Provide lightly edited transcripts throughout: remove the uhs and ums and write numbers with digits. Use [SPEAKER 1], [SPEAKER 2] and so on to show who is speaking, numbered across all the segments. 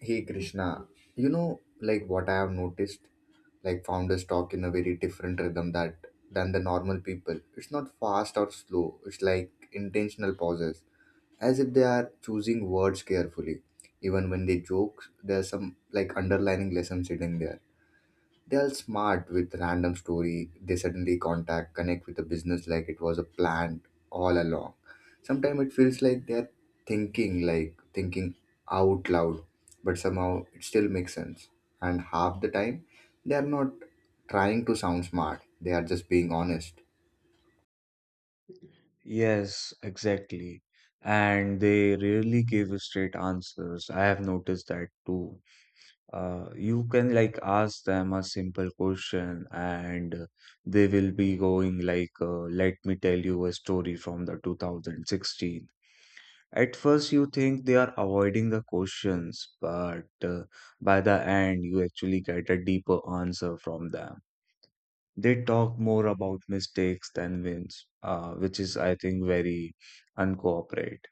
[SPEAKER 1] Hey Krishna, like what I have noticed, like founders talk in a very different rhythm that than the normal people. It's not fast or slow. It's like intentional pauses, as if they are choosing words carefully. Even when they joke, there's some like underlining lesson sitting there. They're smart with random story. They suddenly contact connect with the business like it was a plan all along. Sometimes it feels like they're thinking out loud, but somehow it still makes sense. And half the time they are not trying to sound smart, they are just being honest.
[SPEAKER 2] Yes, exactly. And they rarely give straight answers. I have noticed that too. You can like ask them a simple question and they will be going like, let me tell you a story from the 2016. At first, you think they are avoiding the questions, but by the end, you actually get a deeper answer from them. They talk more about mistakes than wins, which is, I think, very uncooperate.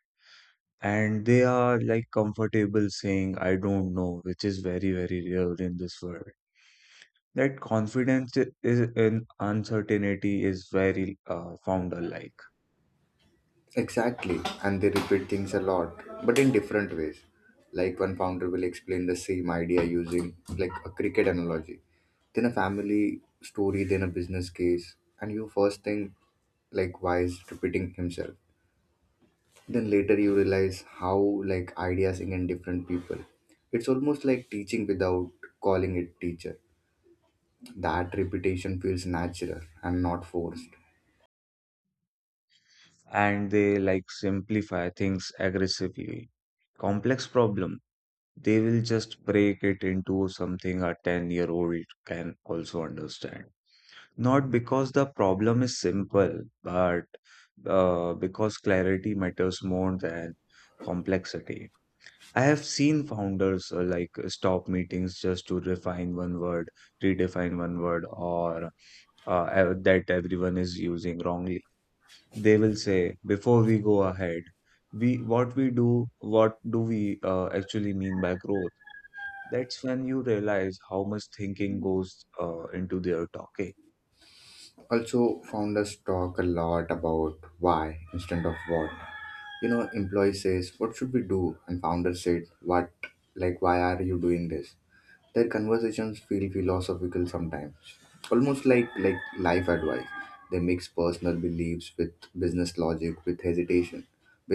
[SPEAKER 2] And they are like comfortable saying, I don't know, which is very, very real in this world. That confidence is in uncertainty is very founder-like,
[SPEAKER 1] Exactly, and they repeat things a lot, but in different ways. Like one founder will explain the same idea using like a cricket analogy, then a family story, then a business case, and you first think like why is repeating himself. Then later you realize how like ideas sing in different people. It's almost like teaching without calling it teacher. That repetition feels natural and not forced.
[SPEAKER 2] and they like simplify things aggressively. Complex problem, they will just break it into something a 10-year-old can also understand. Not because the problem is simple, but because clarity matters more than complexity. I have seen founders like stop meetings just to refine one word, redefine one word, or that everyone is using wrongly. They will say, before we go ahead, we what we do, what do we actually mean by growth? That's when you realize how much thinking goes into their talking.
[SPEAKER 1] Also, founders talk a lot about why instead of what. Employee says, "What should we do?" and founder said, "What? Like, why are you doing this?" Their conversations feel philosophical sometimes, almost like life advice. They mix personal beliefs with business logic,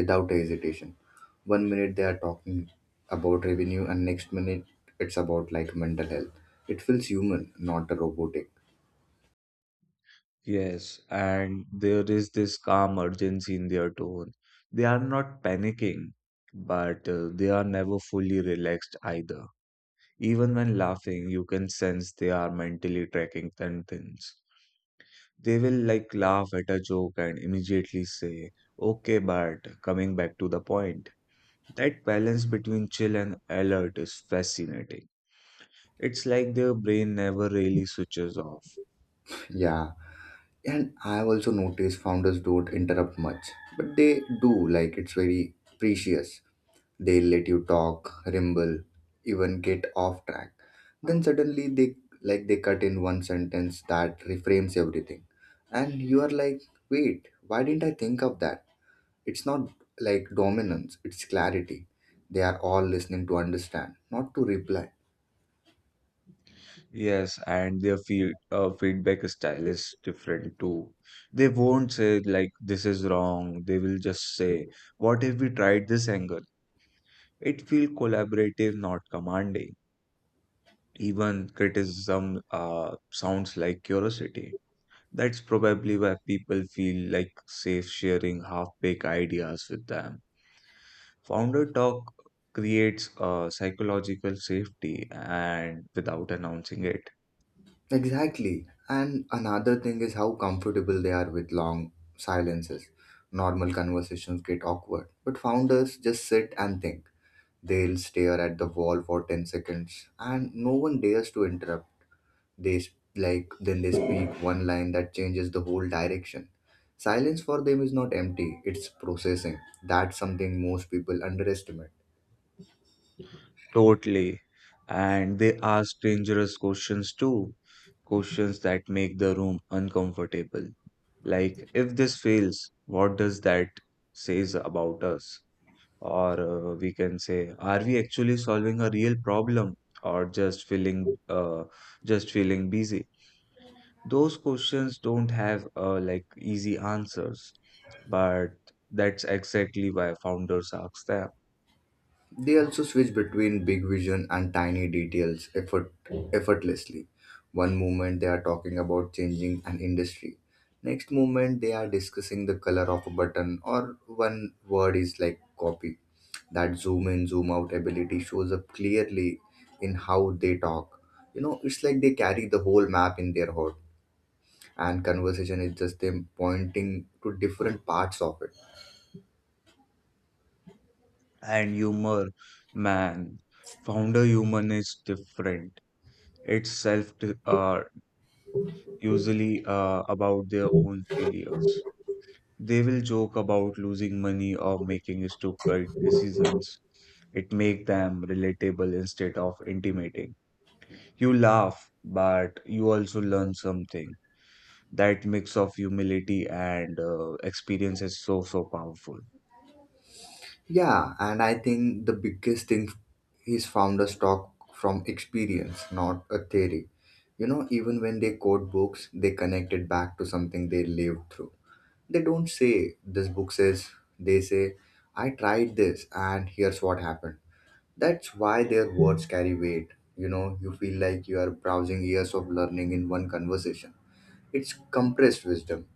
[SPEAKER 1] without hesitation. One minute they are talking about revenue, and next minute it's about like mental health. It feels human, not robotic.
[SPEAKER 2] Yes, and there is this calm urgency in their tone. They are not panicking, but they are never fully relaxed either. Even when laughing, you can sense they are mentally tracking contents. They will like laugh at a joke and immediately say, okay, but coming back to the point. That balance between chill and alert is fascinating. It's like their brain never really switches off.
[SPEAKER 1] Yeah, and I've also noticed founders don't interrupt much, but they do, like, it's very precious. They let you talk, ramble, even get off track. Then suddenly they cut in one sentence that reframes everything. And you are like, wait, why didn't I think of that? It's not like dominance, it's clarity. They are all listening to understand, not to reply.
[SPEAKER 2] Yes, and their feedback style is different too. They won't say like this is wrong. They will just say, "What if we tried this angle?" It feels collaborative, not commanding. Even criticism sounds like curiosity. That's probably why people feel like safe sharing half-baked ideas with them. Founder talk creates psychological safety and without announcing it.
[SPEAKER 1] Exactly. And another thing is how comfortable they are with long silences. Normal conversations get awkward, but founders just sit and think. They'll stare at the wall for 10 seconds and no one dares to interrupt. They sp- like then they speak one line that changes the whole direction. Silence for them is not empty, it's processing. That's something most people underestimate.
[SPEAKER 2] Totally. And they ask dangerous questions too, questions that make the room uncomfortable. Like, if this fails, what does that says about us? Or we can say, are we actually solving a real problem or just feeling busy? Those questions don't have like easy answers, but that's exactly why founders ask them.
[SPEAKER 1] They also switch between big vision and tiny details effortlessly. One moment they are talking about changing an industry. Next moment they are discussing the color of a button or one word is like copy. That zoom in, zoom out ability shows up clearly in how they talk. You know, it's like they carry the whole map in their head and conversation is just them pointing to different parts of it.
[SPEAKER 2] And humor, man, founder human is different. It's self uh, usually about their own failures. They will joke about losing money or making stupid decisions. It make them relatable instead of intimidating. You laugh, but you also learn something. That mix of humility and experience is so so powerful.
[SPEAKER 1] Yeah, and I think the biggest thing is founders talk from experience, not a theory. You know, even when they quote books, they connect it back to something they lived through. They don't say, this book says, they say, I tried this and here's what happened. That's why their words carry weight. You know, you feel like you are browsing years of learning in one conversation. It's compressed wisdom.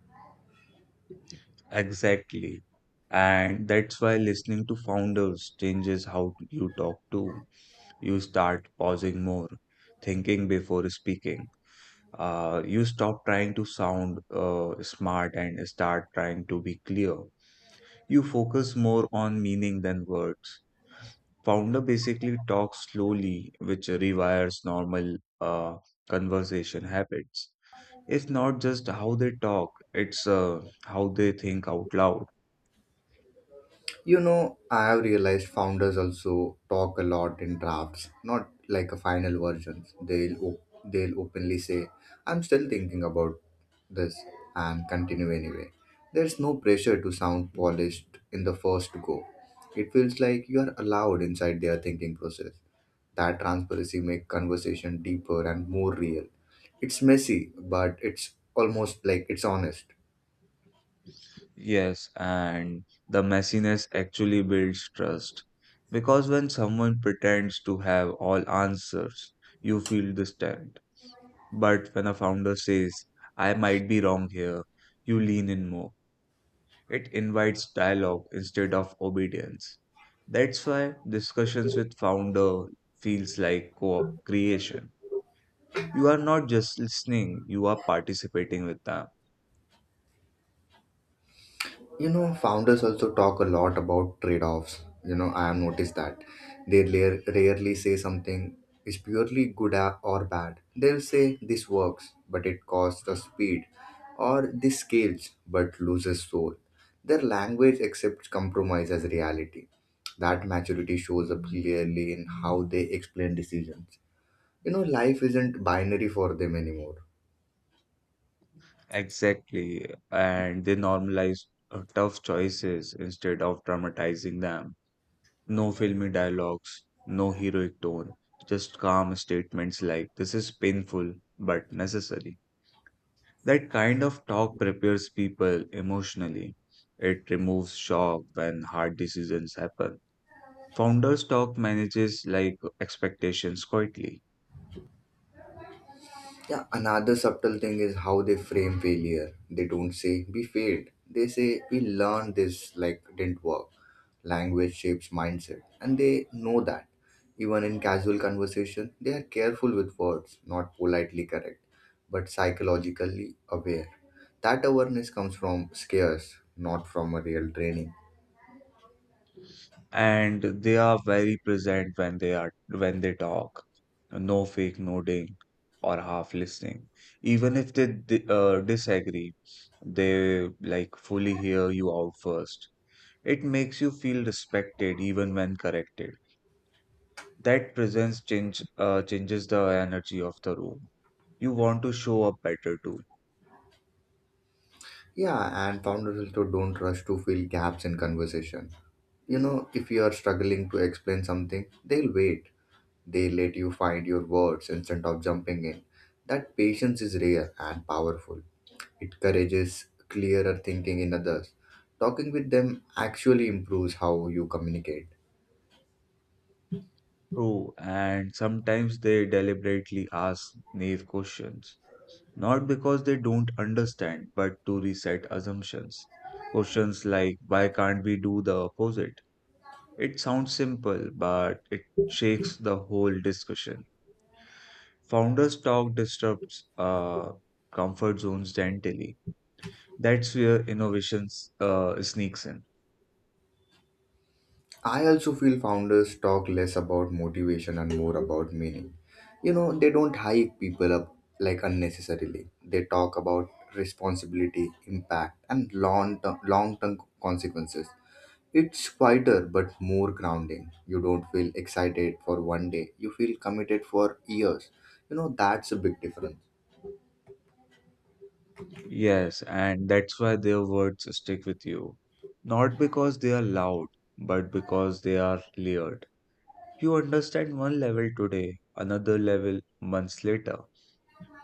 [SPEAKER 2] Exactly. And that's why listening to founders changes how you talk to. You start pausing more, thinking before speaking. You stop trying to sound smart and start trying to be clear. You focus more on meaning than words. Founder basically talks slowly, which rewires normal conversation habits. It's not just how they talk, it's how they think out loud.
[SPEAKER 1] You know, I have realized founders also talk a lot in drafts, not like a final versions. They'll openly say, "I'm still thinking about this," and continue anyway. There's no pressure to sound polished in the first go. It feels like you are allowed inside their thinking process. That transparency makes conversation deeper and more real. It's messy, but it's almost like it's honest.
[SPEAKER 2] Yes, and the messiness actually builds trust. Because when someone pretends to have all answers, you feel distant. But when a founder says, I might be wrong here, you lean in more. It invites dialogue instead of obedience. That's why discussions with founder feels like co-creation. You are not just listening, you are participating with them.
[SPEAKER 1] You know, founders also talk a lot about trade-offs. I have noticed that they rarely say something is purely good or bad. They'll say this works but it costs us speed, or this scales but loses soul. Their language accepts compromise as reality. That maturity shows up clearly in how they explain decisions. You know, life isn't binary for them anymore.
[SPEAKER 2] Exactly. And they normalize tough choices instead of traumatizing them. No filmy dialogues, no heroic tone, just calm statements like, this is painful but necessary. That kind of talk prepares people emotionally. It removes shock when hard decisions happen. Founders talk manages like expectations quietly.
[SPEAKER 1] Yeah, another subtle thing is how they frame failure. They don't say we failed. They say we learned this like didn't work. Language shapes mindset, and they know that. Even in casual conversation, they are careful with words, not politely correct, but psychologically aware. That awareness comes from scares, not from a real training.
[SPEAKER 2] And they are very present when they talk, no fake nodding or half listening, even if they disagree, they like fully hear you out first. It makes you feel respected even when corrected. That presence changes the energy of the room. You want to show up better too.
[SPEAKER 1] Yeah, and founders also don't rush to fill gaps in conversation. You know, if you are struggling to explain something, they'll wait. They let you find your words instead of jumping in. That patience is rare and powerful. It encourages clearer thinking in others. Talking with them actually improves how you communicate.
[SPEAKER 2] True, and sometimes they deliberately ask naive questions, not because they don't understand, but to reset assumptions. Questions like, why can't we do the opposite? It sounds simple, but it shakes the whole discussion. Founders talk disrupts comfort zones gently. That's where innovations sneaks in.
[SPEAKER 1] I also feel founders talk less about motivation and more about meaning. You know, they don't hype people up like unnecessarily. They talk about responsibility, impact, and long term consequences. It's quieter but more grounding. You don't feel excited for one day, you feel committed for years. You know, that's a big difference.
[SPEAKER 2] Yes, and that's why their words stick with you. Not because they are loud, but because they are layered. You understand one level today, another level months later.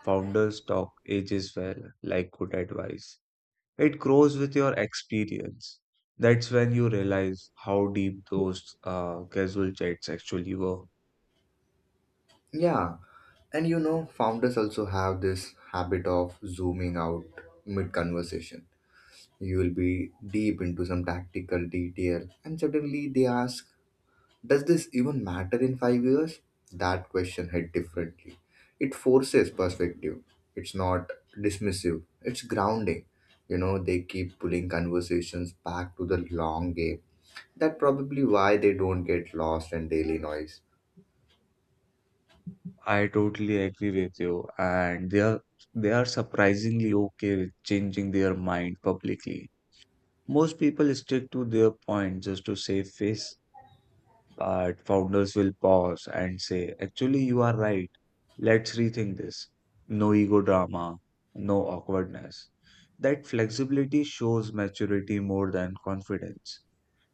[SPEAKER 2] Founders talk ages well, like good advice. It grows with your experience. That's when you realize how deep those casual chats actually were.
[SPEAKER 1] Yeah, and you know, founders also have this habit of zooming out mid conversation. You will be deep into some tactical detail, and suddenly they ask, does this even matter in 5 years? That question hit differently. It forces perspective. It's not dismissive, it's grounding. You know, they keep pulling conversations back to the long game. That's probably why they don't get lost in daily noise.
[SPEAKER 2] I totally agree with you, and they are surprisingly okay with changing their mind publicly. Most people stick to their point just to save face. But founders will pause and say, actually, you are right. Let's rethink this. No ego drama, no awkwardness. That flexibility shows maturity more than confidence.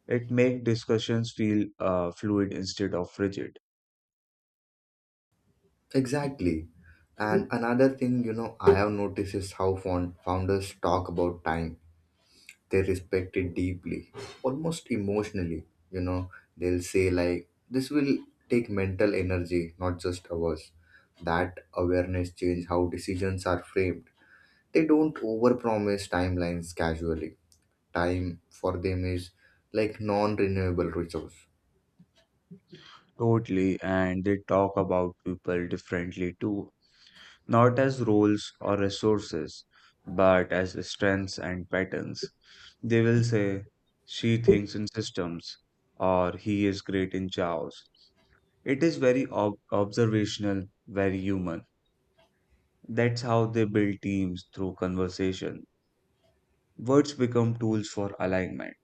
[SPEAKER 2] It makes discussions feel fluid instead of rigid.
[SPEAKER 1] Exactly. And another thing, you know, I have noticed is how founders talk about time. They respect it deeply, almost emotionally. You know, they'll say like this will take mental energy, not just hours. That awareness change how decisions are framed. They don't overpromise timelines casually. Time for them is like non-renewable resource.
[SPEAKER 2] Totally, and they talk about people differently too, not as roles or resources, but as strengths and patterns. They will say, she thinks in systems, or he is great in chaos. It is very observational, very human. That's how they build teams through conversation. Words become tools for alignment,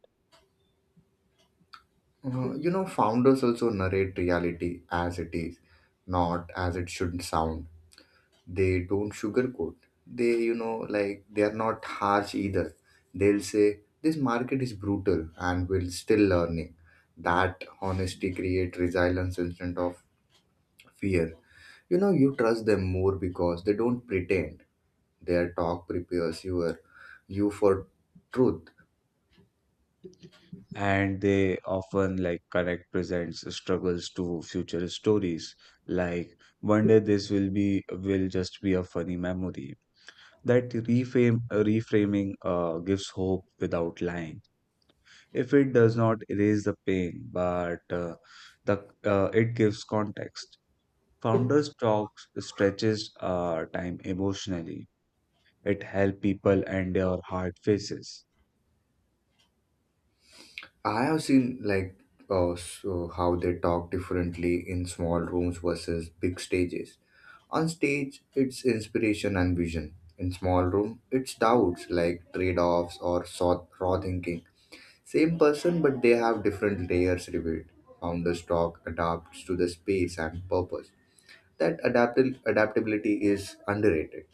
[SPEAKER 1] You know founders also narrate reality as it is, not as it should sound. They don't sugarcoat, they like they are not harsh either. They'll say this market is brutal and we're still learning. That honesty create resilience instead of fear. You know, you trust them more because they don't pretend. Their talk prepares you for truth.
[SPEAKER 2] and they often like connect presents struggles to future stories. Like one day this will just be a funny memory. That reframing gives hope without lying. If it does not erase the pain, but the it gives context. Founders talk stretches time emotionally. It helps people endure hard phases.
[SPEAKER 1] I have seen like so how they talk differently in small rooms versus big stages. On stage, it's inspiration and vision. In small room, it's doubts like trade-offs or raw thinking. Same person, but they have different layers revealed. Founders talk adapts to the space and purpose. That adaptability is underrated.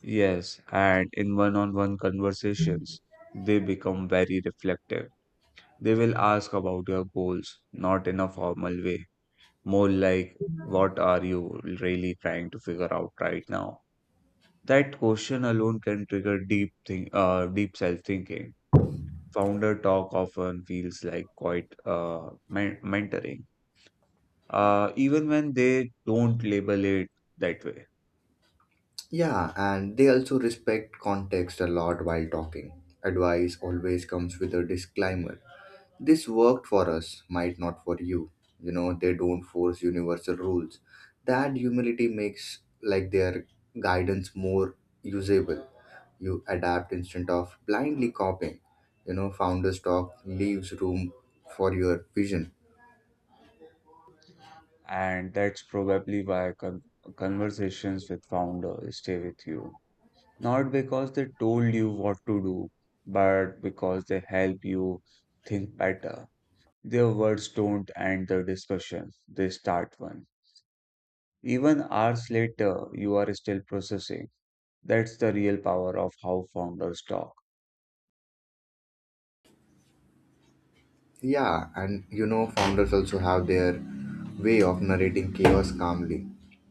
[SPEAKER 2] Yes, and in one-on-one conversations, they become very reflective. They will ask about your goals, not in a formal way, more like what are you really trying to figure out right now? That question alone can trigger deep self-thinking. Founder talk often feels like quite mentoring, even when they don't label it that way.
[SPEAKER 1] Yeah, and they also respect context a lot while talking. Advice always comes with a disclaimer. This worked for us, might not for you. You know, they don't force universal rules. That humility makes like their guidance more usable. You adapt instead of blindly copying. You know, founders talk leaves room for your vision.
[SPEAKER 2] And that's probably why conversations with founders stay with you, not because they told you what to do, but because they help you think better. Their words don't end the discussion; they start one. Even hours later, you are still processing. That's the real power of how founders talk.
[SPEAKER 1] Yeah, and you know, founders also have their way of narrating chaos calmly.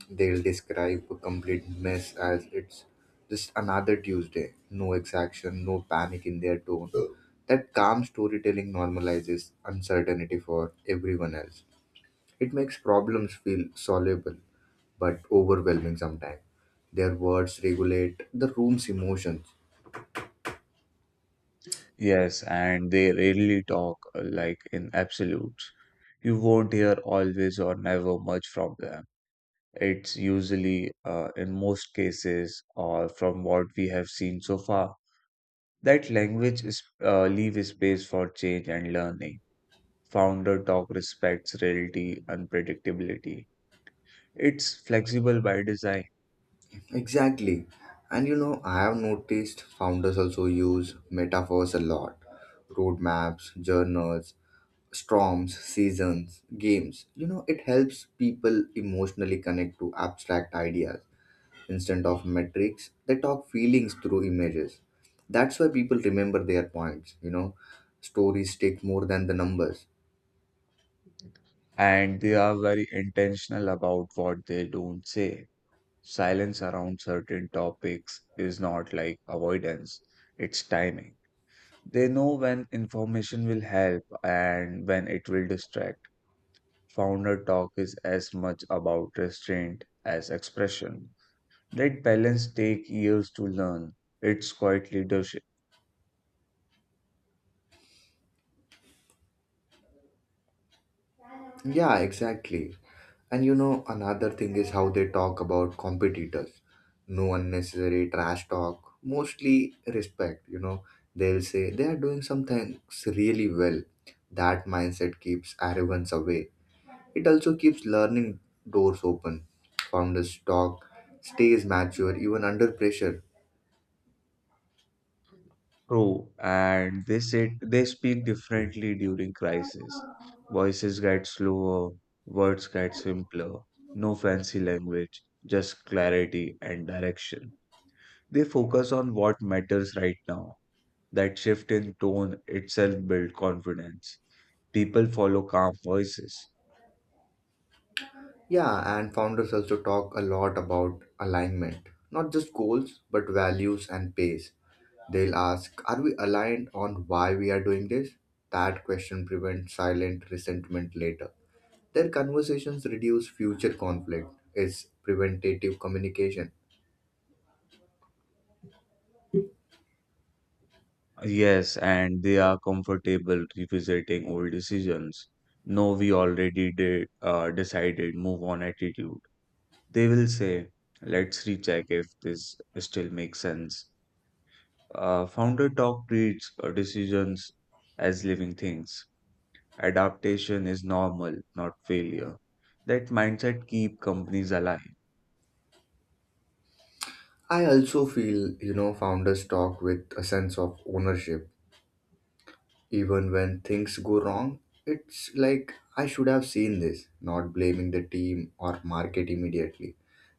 [SPEAKER 1] They'll describe a complete mess as it's just another Tuesday. No exaction, no panic in their tone. That calm storytelling normalizes uncertainty for everyone else. It makes problems feel soluble but overwhelming sometimes. Their words regulate the room's emotions.
[SPEAKER 2] Yes, and they rarely talk like in absolutes. You won't hear always or never much from them. It's usually, in most cases, or from what we have seen so far, that language is leave space for change and learning. Founder talk respects reality, and predictability. It's flexible by design.
[SPEAKER 1] Exactly. And you know, I have noticed founders also use metaphors a lot: roadmaps, journals, storms, seasons, games. You know, it helps people emotionally connect to abstract ideas. Instead of metrics, they talk feelings through images. That's why people remember their points. You know, stories stick more than the numbers.
[SPEAKER 2] And they are very intentional about what they don't say. Silence around certain topics is not like avoidance, it's timing. They know when information will help and when it will distract. Founder talk is as much about restraint as expression. That balance take years to learn. It's quite leadership.
[SPEAKER 1] Yeah, exactly. And you know, another thing is how they talk about competitors. No unnecessary trash talk, mostly respect. You know, they'll say they are doing something really well. That mindset keeps arrogance away. It also keeps learning doors open. Founders talk stays mature even under pressure.
[SPEAKER 2] True, and they speak differently during crisis. Voices get slower, words get simpler, no fancy language, just clarity and direction. They focus on what matters right now. That shift in tone itself builds confidence. People follow calm voices.
[SPEAKER 1] Yeah, and founders also talk a lot about alignment, not just goals, but values and pace. They'll ask, are we aligned on why we are doing this? That question prevents silent resentment later. Their conversations reduce future conflict. It's preventative communication.
[SPEAKER 2] Yes, and they are comfortable revisiting old decisions. No, we already decided, move on attitude. They will say, let's recheck if this still makes sense. Founder talk treats decisions as living things. Adaptation is normal, not failure. That mindset keep companies alive.
[SPEAKER 1] I also feel, you know, founders talk with a sense of ownership. Even when things go wrong, it's like I should have seen this, not blaming the team or market immediately.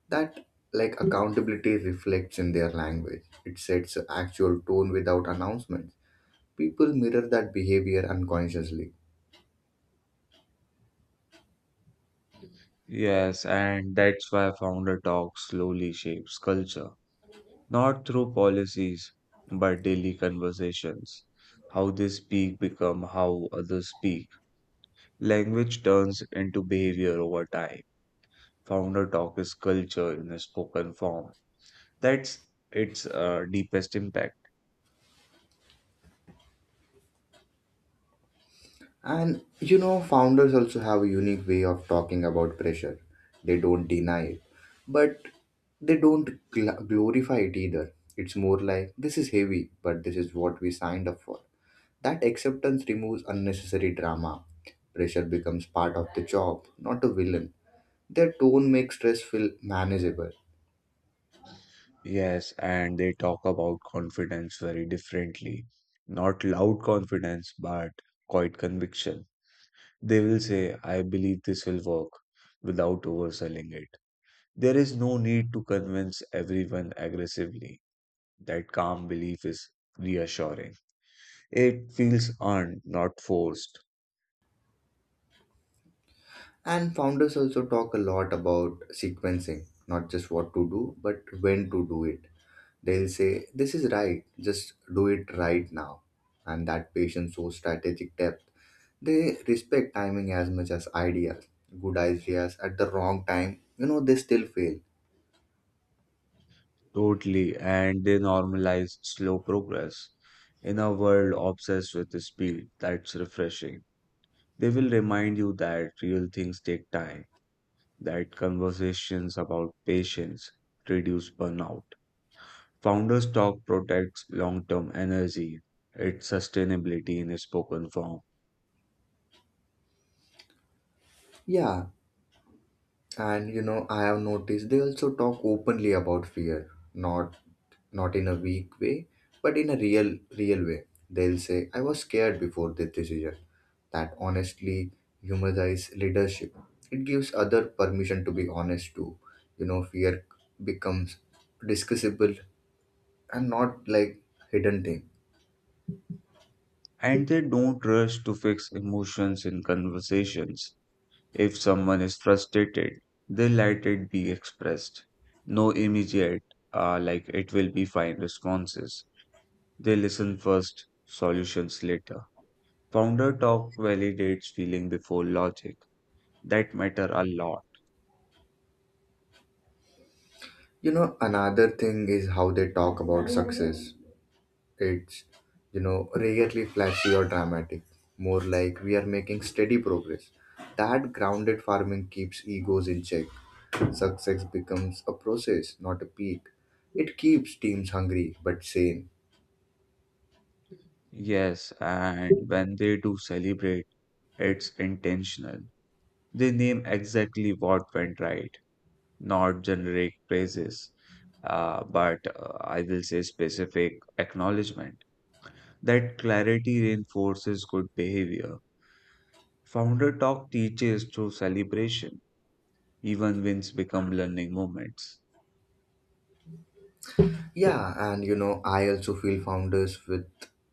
[SPEAKER 1] That like accountability reflects in their language. It sets actual tone without announcements. People mirror that behavior unconsciously.
[SPEAKER 2] Yes, and that's why founder talk slowly shapes culture, not through policies, but daily conversations. How they speak become how others speak. Language turns into behavior over time. Founder talk is culture in a spoken form. That's its deepest impact.
[SPEAKER 1] And you know founders also have a unique way of talking about pressure. They don't deny it, but they don't glorify it either. It's more like this is heavy but this is what we signed up for. That acceptance removes unnecessary drama. Pressure becomes part of the job, not a villain. Their tone makes stress feel manageable.
[SPEAKER 2] Yes, and they talk about confidence very differently. Not loud confidence, but quiet conviction. They will say, I believe this will work without overselling it. There is no need to convince everyone aggressively. That calm belief is reassuring. It feels earned, not forced.
[SPEAKER 1] And founders also talk a lot about sequencing, not just what to do, but when to do it. They'll say, this is right, just do it right now. And that patient shows strategic depth. They respect timing as much as ideas. Good ideas at the wrong time, you know, they still fail.
[SPEAKER 2] Totally, and they normalize slow progress. In a world obsessed with speed, that's refreshing. They will remind you that real things take time, that conversations about patience reduce burnout. Founders Talk protects long term energy, its sustainability in a spoken form.
[SPEAKER 1] Yeah, and you know, I have noticed they also talk openly about fear, not in a weak way, but in a real way. They'll say, "I was scared before this decision." That honestly humanize leadership. It gives other permission to be honest too. You know, fear becomes discussable and not like hidden thing.
[SPEAKER 2] And they don't rush to fix emotions in conversations. If someone is frustrated, they let it be expressed. No immediate, like it will be fine responses. They listen first, solutions later. Founder talk validates feeling before logic. That matter a lot.
[SPEAKER 1] You know, another thing is how they talk about success. It's, you know, rarely flashy or dramatic, more like we are making steady progress. That grounded farming keeps egos in check. Success becomes a process, not a peak. It keeps teams hungry but sane.
[SPEAKER 2] Yes, and when they do celebrate, it's intentional. They name exactly what went right, not generic praises, but I will say specific acknowledgement. That clarity reinforces good behavior. Founder Talk teaches through celebration. Even wins become learning moments.
[SPEAKER 1] Yeah, and you know, I also feel founders with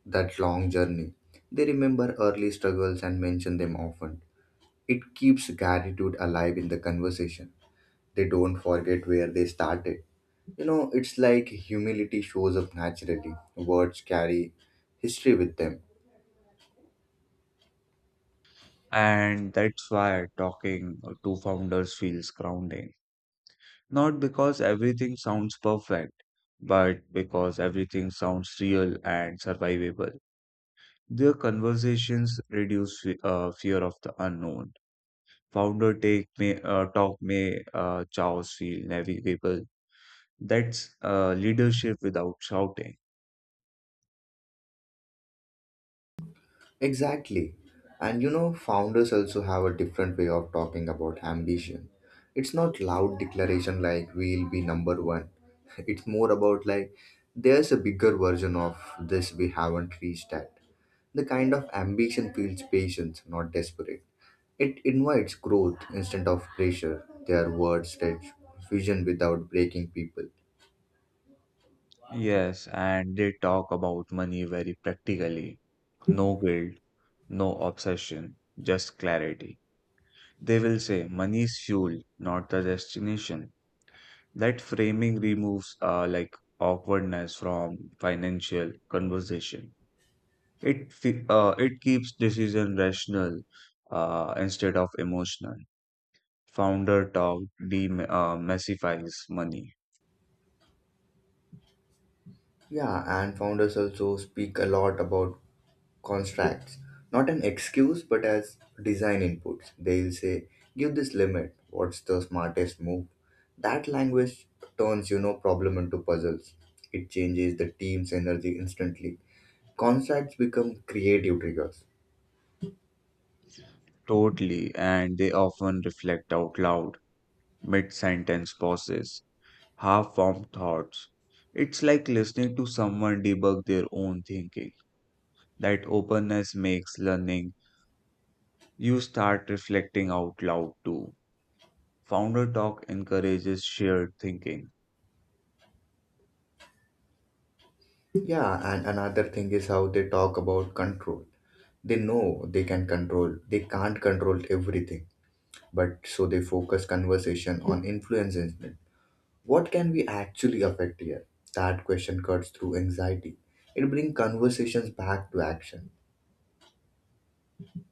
[SPEAKER 1] that long journey. They remember early struggles and mention them often. It keeps gratitude alive in the conversation. They don't forget where they started. You know, it's like humility shows up naturally. Words carry history with them.
[SPEAKER 2] And that's why talking to founders feels grounding. Not because everything sounds perfect, but because everything sounds real and survivable. Their conversations reduce fear of the unknown. Founder talk may chaos feel navigable. That's leadership without shouting.
[SPEAKER 1] Exactly. And you know, founders also have a different way of talking about ambition. It's not loud declaration like we'll be number one. It's more about like there's a bigger version of this we haven't reached at. The kind of ambition feels patient, not desperate. It invites growth instead of pressure. Their words stretch vision without breaking people.
[SPEAKER 2] Yes, and they talk about money very practically. No guilt, no obsession, just clarity. They will say money is fuel, not the destination. That framing removes like awkwardness from financial conversation. It it keeps decision rational instead of emotional. Founder talk dem massifies money.
[SPEAKER 1] Yeah, and founders also speak a lot about contracts, not an excuse but as design inputs. They'll say, give this limit what's the smartest move. That language turns, you know, problem into puzzles. It changes the team's energy instantly. Contracts become creative triggers.
[SPEAKER 2] Totally, and they often reflect out loud mid sentence pauses, half formed thoughts. It's like listening to someone debug their own thinking. That openness makes learning. You start reflecting out loud too. Founder Talk encourages shared thinking.
[SPEAKER 1] Yeah, and another thing is how they talk about control. They know they can't control everything, but so they focus conversation on influencing it. What can we actually affect here? That question cuts through anxiety. It brings conversations back to action.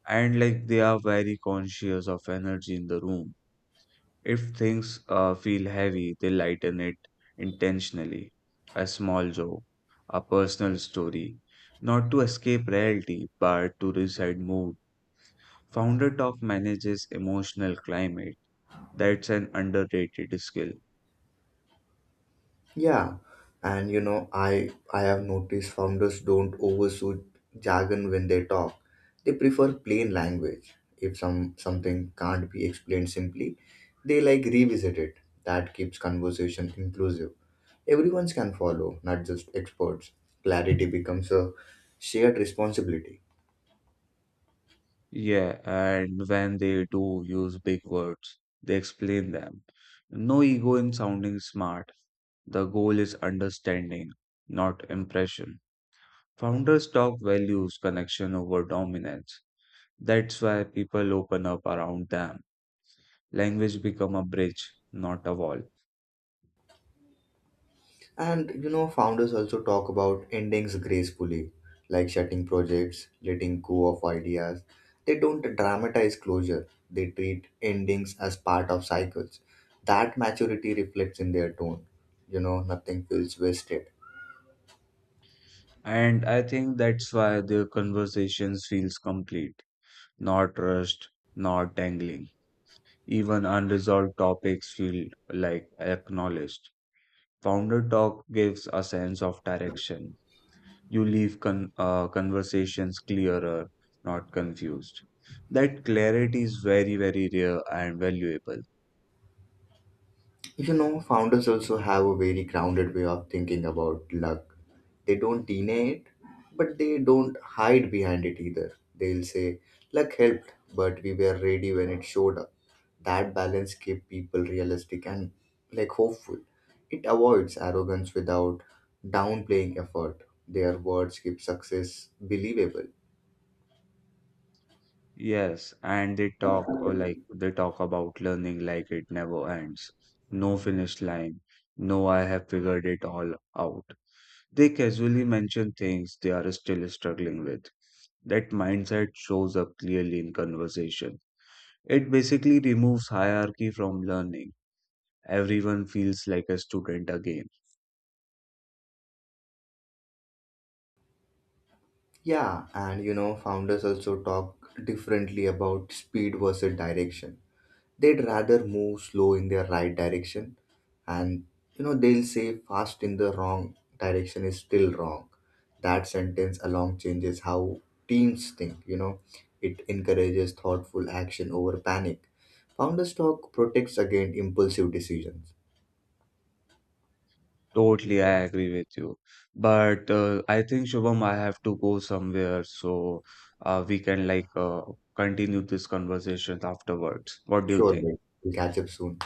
[SPEAKER 2] And like they are very conscious of energy in the room. If things feel heavy, they lighten it intentionally. A small joke, a personal story, not to escape reality, but to reset mood. Founder Talk manages emotional climate. That's an underrated skill.
[SPEAKER 1] Yeah, and you know, I have noticed founders don't overshoot jargon when they talk. They prefer plain language. If something can't be explained simply, they like revisit it. That keeps conversation inclusive. Everyone can follow, not just experts. Clarity becomes a shared responsibility.
[SPEAKER 2] Yeah, and when they do use big words, they explain them. No ego in sounding smart. The goal is understanding, not impression. Founders talk values connection over dominance. That's why people open up around them. Language become a bridge, not a wall.
[SPEAKER 1] And you know, founders also talk about endings gracefully, like shutting projects, letting go of ideas. They don't dramatize closure, they treat endings as part of cycles. That maturity reflects in their tone. You know, nothing feels wasted.
[SPEAKER 2] And I think that's why their conversations feels complete, not rushed, not dangling. Even unresolved topics feel like acknowledged. Founder Talk gives a sense of direction. You leave conversations clearer, not confused. That clarity is very, very rare and valuable.
[SPEAKER 1] You know, founders also have a very grounded way of thinking about luck. They don't deny it, but they don't hide behind it either. They'll say, luck helped, but we were ready when it showed up. That balance keeps people realistic and like hopeful. It avoids arrogance without downplaying effort. Their words keep success believable.
[SPEAKER 2] Yes, and they talk about learning like it never ends. No finish line. No, I have figured it all out. They casually mention things they are still struggling with. That mindset shows up clearly in conversation. It basically removes hierarchy from learning. Everyone feels like a student again.
[SPEAKER 1] Yeah, and you know, founders also talk differently about speed versus direction. They'd rather move slow in their right direction, and you know they'll say fast in the wrong direction is still wrong. That sentence alone changes how teams think. You know, it encourages thoughtful action over panic. Founder stock protects against impulsive decisions.
[SPEAKER 2] Totally, I agree with you. But I think Shubham, I have to go somewhere, so we can like continue this conversation afterwards. What do you
[SPEAKER 1] Sure,
[SPEAKER 2] think?
[SPEAKER 1] babe. We'll catch up soon.